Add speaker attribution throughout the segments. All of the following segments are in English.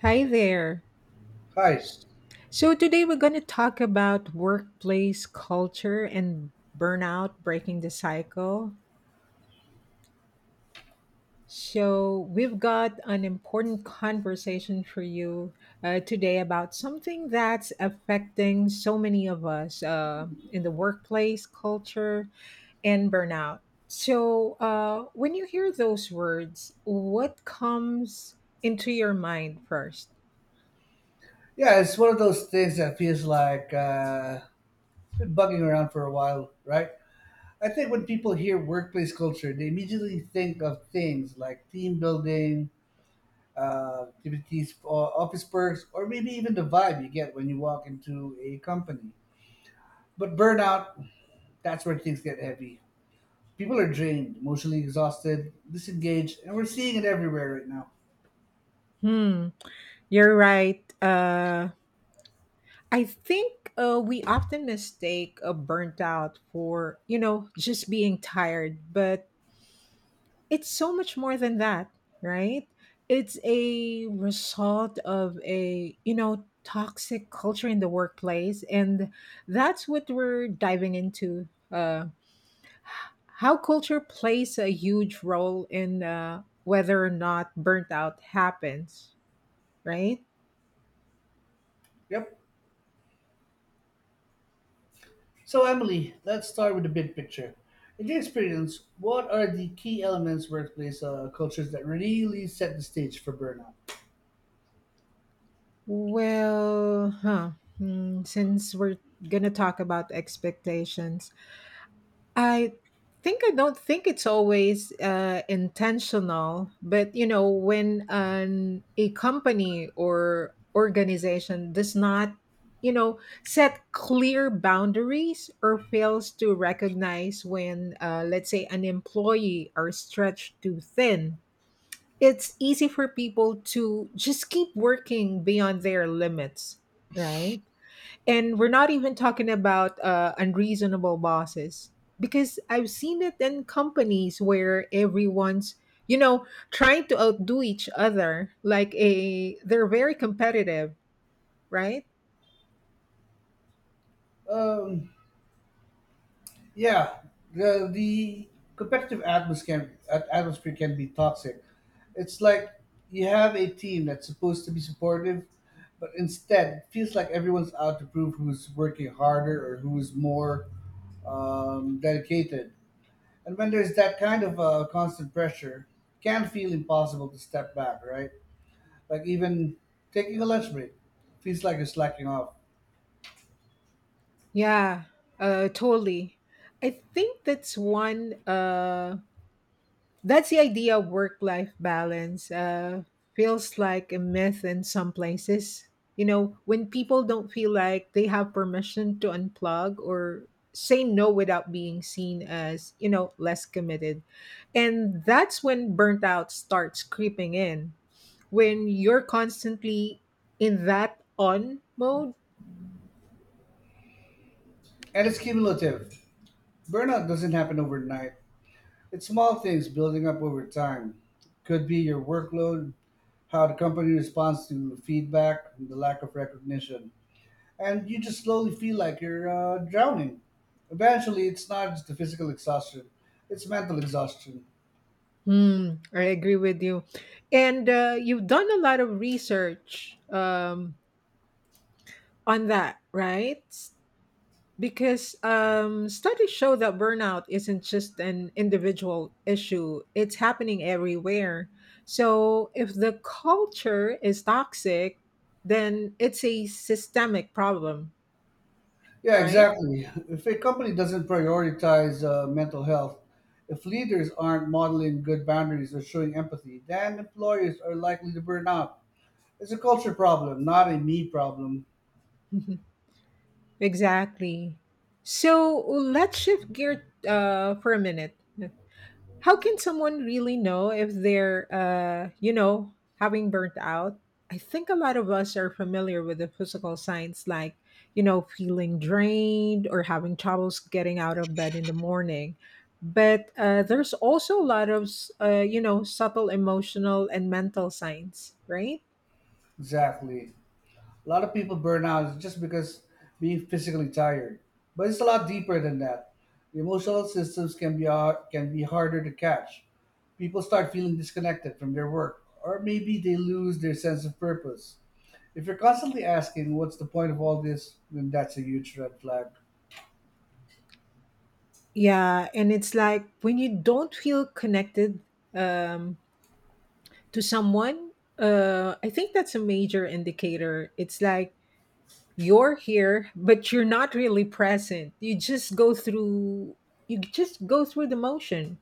Speaker 1: Hi there.
Speaker 2: Hi.
Speaker 1: So, today we're going to talk about workplace culture and burnout breaking the cycle. So, we've got an important conversation for you today about something that's affecting so many of us in the workplace culture and burnout. So, when you hear those words, what comes into your mind first?
Speaker 2: Yeah, it's one of those things that feels like it's been bugging around for a while, right? I think when people hear workplace culture, they immediately think of things like team building, activities, office perks, or maybe even the vibe you get when you walk into a company. But burnout, that's where things get heavy. People are drained, emotionally exhausted, disengaged, and we're seeing it everywhere right now.
Speaker 1: Hmm, you're right. I think we often mistake a burnt out for, just being tired, but it's so much more than that, right? It's a result of a, toxic culture in the workplace. And that's what we're diving into, how culture plays a huge role in whether or not burnt out happens, right?
Speaker 2: Yep. So, Emily, let's start with the big picture. In your experience, what are the key elements workplace cultures that really set the stage for burnout?
Speaker 1: Well, since we're gonna talk about expectations, I I don't think it's always intentional, but you know, when an a company or organization does not, you know, set clear boundaries or fails to recognize when, let's say, an employee are stretched too thin, it's easy for people to just keep working beyond their limits, right? And we're not even talking about unreasonable bosses, because I've seen it in companies where everyone's, you know, trying to outdo each other. Like, they're very competitive, right?
Speaker 2: Um, yeah, the competitive atmosphere can, atmosphere can be toxic. It's like you have a team that's supposed to be supportive, but instead it feels like everyone's out to prove who's working harder or who's more dedicated. And when there's that kind of constant pressure, it can feel impossible to step back, right? Like even taking a lunch break feels like you're slacking off.
Speaker 1: Yeah, totally. I think that's one. That's the idea of work life balance. Feels like a myth in some places. You know, when people don't feel like they have permission to unplug or say no without being seen as, you know, less committed. And that's when burnout starts creeping in, when you're constantly in that on mode.
Speaker 2: And it's cumulative. Burnout doesn't happen overnight. It's small things building up over time. Could be your workload, how the company responds to feedback, and the lack of recognition. And you just slowly feel like you're drowning. Eventually, it's not just the physical exhaustion, it's mental exhaustion.
Speaker 1: Hmm, I agree with you. And you've done a lot of research on that, right? Because studies show that burnout isn't just an individual issue, it's happening everywhere. So if the culture is toxic, then it's a systemic problem,
Speaker 2: Yeah,
Speaker 1: right?
Speaker 2: exactly. If a company doesn't prioritize mental health, if leaders aren't modeling good boundaries or showing empathy, then employers are likely to burn out. It's a culture problem, not a me problem.
Speaker 1: Mhm. Exactly. So let's shift gear for a minute. How can someone really know if they're, having burnt out? I think a lot of us are familiar with the physical signs, like, feeling drained or having troubles getting out of bed in the morning. But there's also a lot of, subtle emotional and mental signs, right?
Speaker 2: Exactly. A lot of people burn out just because being physically tired, but it's a lot deeper than that. The emotional systems can be can be harder to catch. People start feeling disconnected from their work, or maybe they lose their sense of purpose. If you're constantly asking, what's the point of all this, then that's a huge red flag.
Speaker 1: Yeah, and it's like when you don't feel connected um, to someone, I think that's a major indicator. It's like you're here but you're not really present, you just go through the motion.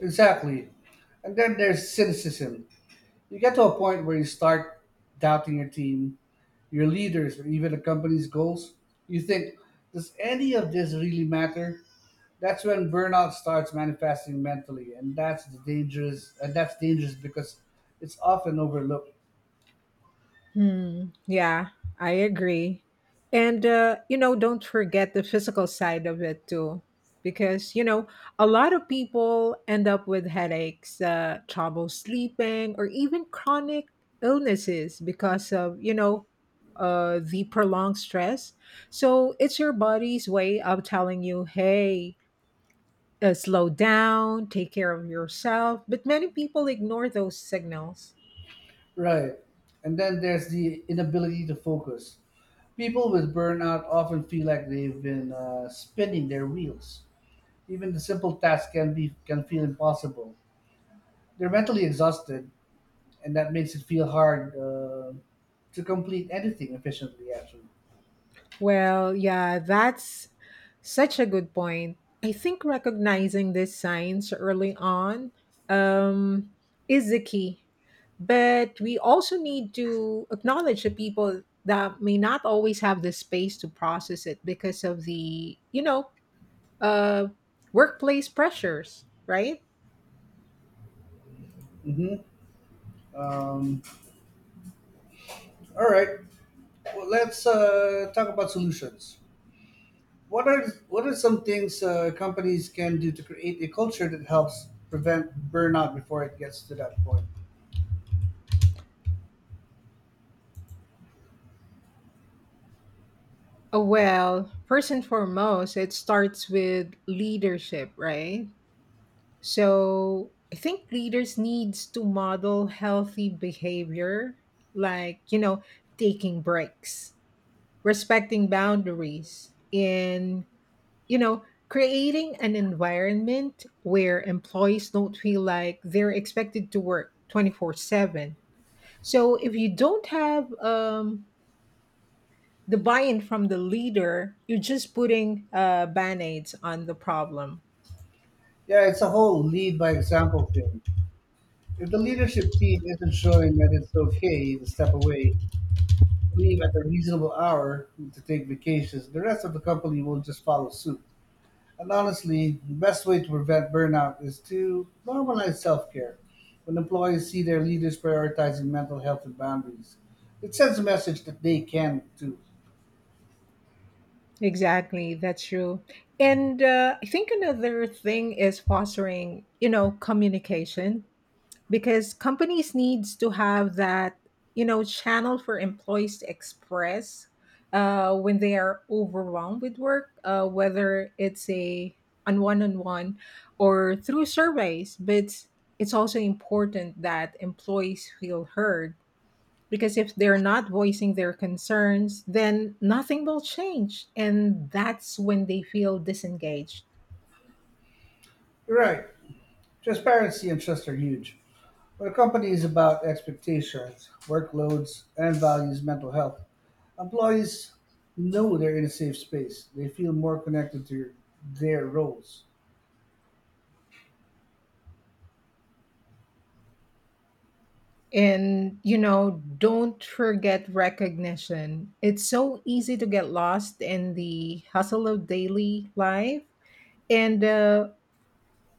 Speaker 2: Exactly. And then there's cynicism. You get to a point where you start doubting your team, your leaders, or even the company's goals. You think, does any of this really matter? That's when burnout starts manifesting mentally, and that's the dangerous. And that's dangerous because it's often overlooked.
Speaker 1: Hmm. Yeah, I agree. And, don't forget the physical side of it too. Because, a lot of people end up with headaches, trouble sleeping, or even chronic illnesses because of, the prolonged stress. So it's your body's way of telling you, hey, slow down, take care of yourself. But many people ignore those signals.
Speaker 2: Right. And then there's the inability to focus. People with burnout often feel like they've been spinning their wheels. Even the simple tasks can feel impossible. They're mentally exhausted, and that makes it feel hard to complete anything efficiently. Actually.
Speaker 1: Well, yeah, that's such a good point. I think recognizing these signs early on um, is the key. But we also need to acknowledge the people that may not always have the space to process it because of the, uh, workplace pressures, right?
Speaker 2: hmm Um, all right. Well, let's talk about solutions. What are some things companies can do to create a culture that helps prevent burnout before it gets to that point?
Speaker 1: Well, first and foremost, it starts with leadership, right? So I think leaders needs to model healthy behavior, like taking breaks, respecting boundaries, and creating an environment where employees don't feel like they're expected to work 24/7. So if you don't have the buy-in from the leader, you're just putting band-aids on the problem.
Speaker 2: Yeah, it's a whole lead by example thing. If the leadership team isn't showing that it's okay to step away, leave at a reasonable hour to take vacations, the rest of the company will just follow suit. And honestly, the best way to prevent burnout is to normalize self care. When employees see their leaders prioritizing mental health and boundaries, it sends a message that they can too.
Speaker 1: Exactly, that's true. And I think another thing is fostering, communication, because companies needs to have that, channel for employees to express when they are overwhelmed with work, whether it's a on one-on-one or through surveys. But it's also important that employees feel heard, because if they're not voicing their concerns, then nothing will change. And that's when they feel disengaged.
Speaker 2: You're right, transparency and trust are huge. When a company is about expectations, workloads, and values mental health, employees know they're in a safe space. They feel more connected to their roles.
Speaker 1: And, don't forget recognition. It's so easy to get lost in the hustle of daily life. And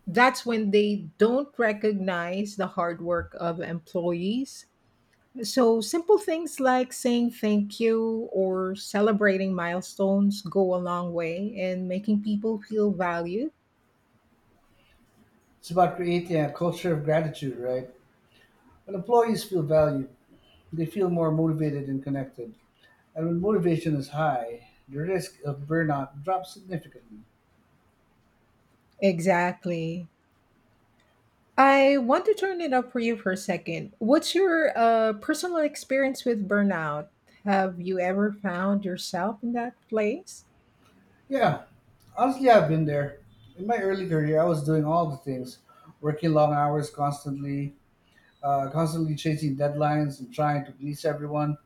Speaker 1: that's when they don't recognize the hard work of employees. So, simple things like saying thank you or celebrating milestones go a long way in making people feel valued.
Speaker 2: It's about creating a culture of gratitude, right? When employees feel valued, they feel more motivated and connected. And when motivation is high, the risk of burnout drops significantly.
Speaker 1: Exactly. I want to turn it up for you for a second. What's your personal experience with burnout? Have you ever found yourself in that place?
Speaker 2: Yeah, honestly, I've been there. In my early career, I was doing all the things working long hours constantly, constantly chasing deadlines and trying to please everyone.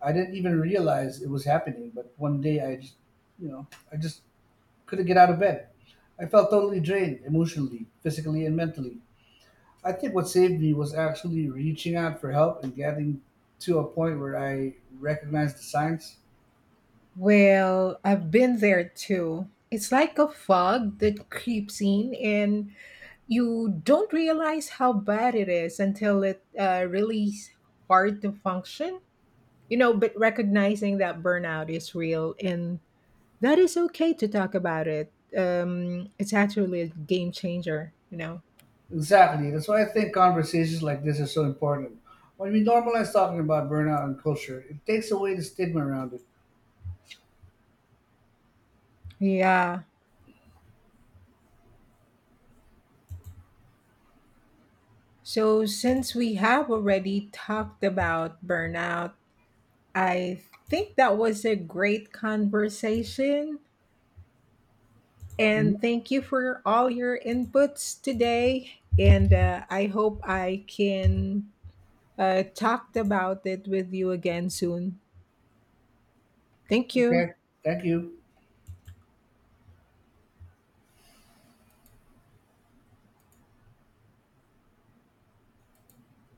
Speaker 2: I didn't even realize it was happening, but one day I just, I just couldn't get out of bed. I felt totally drained emotionally, physically, and mentally. I think what saved me was actually reaching out for help and getting to a point where I recognized the signs.
Speaker 1: Well, I've been there too. It's like a fog that creeps in, and you don't realize how bad it is until it really is hard to function. You know, but recognizing that burnout is real and that is okay to talk about it. It's actually a game changer.
Speaker 2: Exactly. That's why I think conversations like this are so important. When we normalize talking about burnout and culture, it takes away the stigma around it.
Speaker 1: Yeah. So since we have already talked about burnout, I think that was a great conversation.
Speaker 2: Mhm.
Speaker 1: And thank you for all your inputs today. And I hope I can talk about it with you again soon. Thank you.
Speaker 2: Okay. Thank you.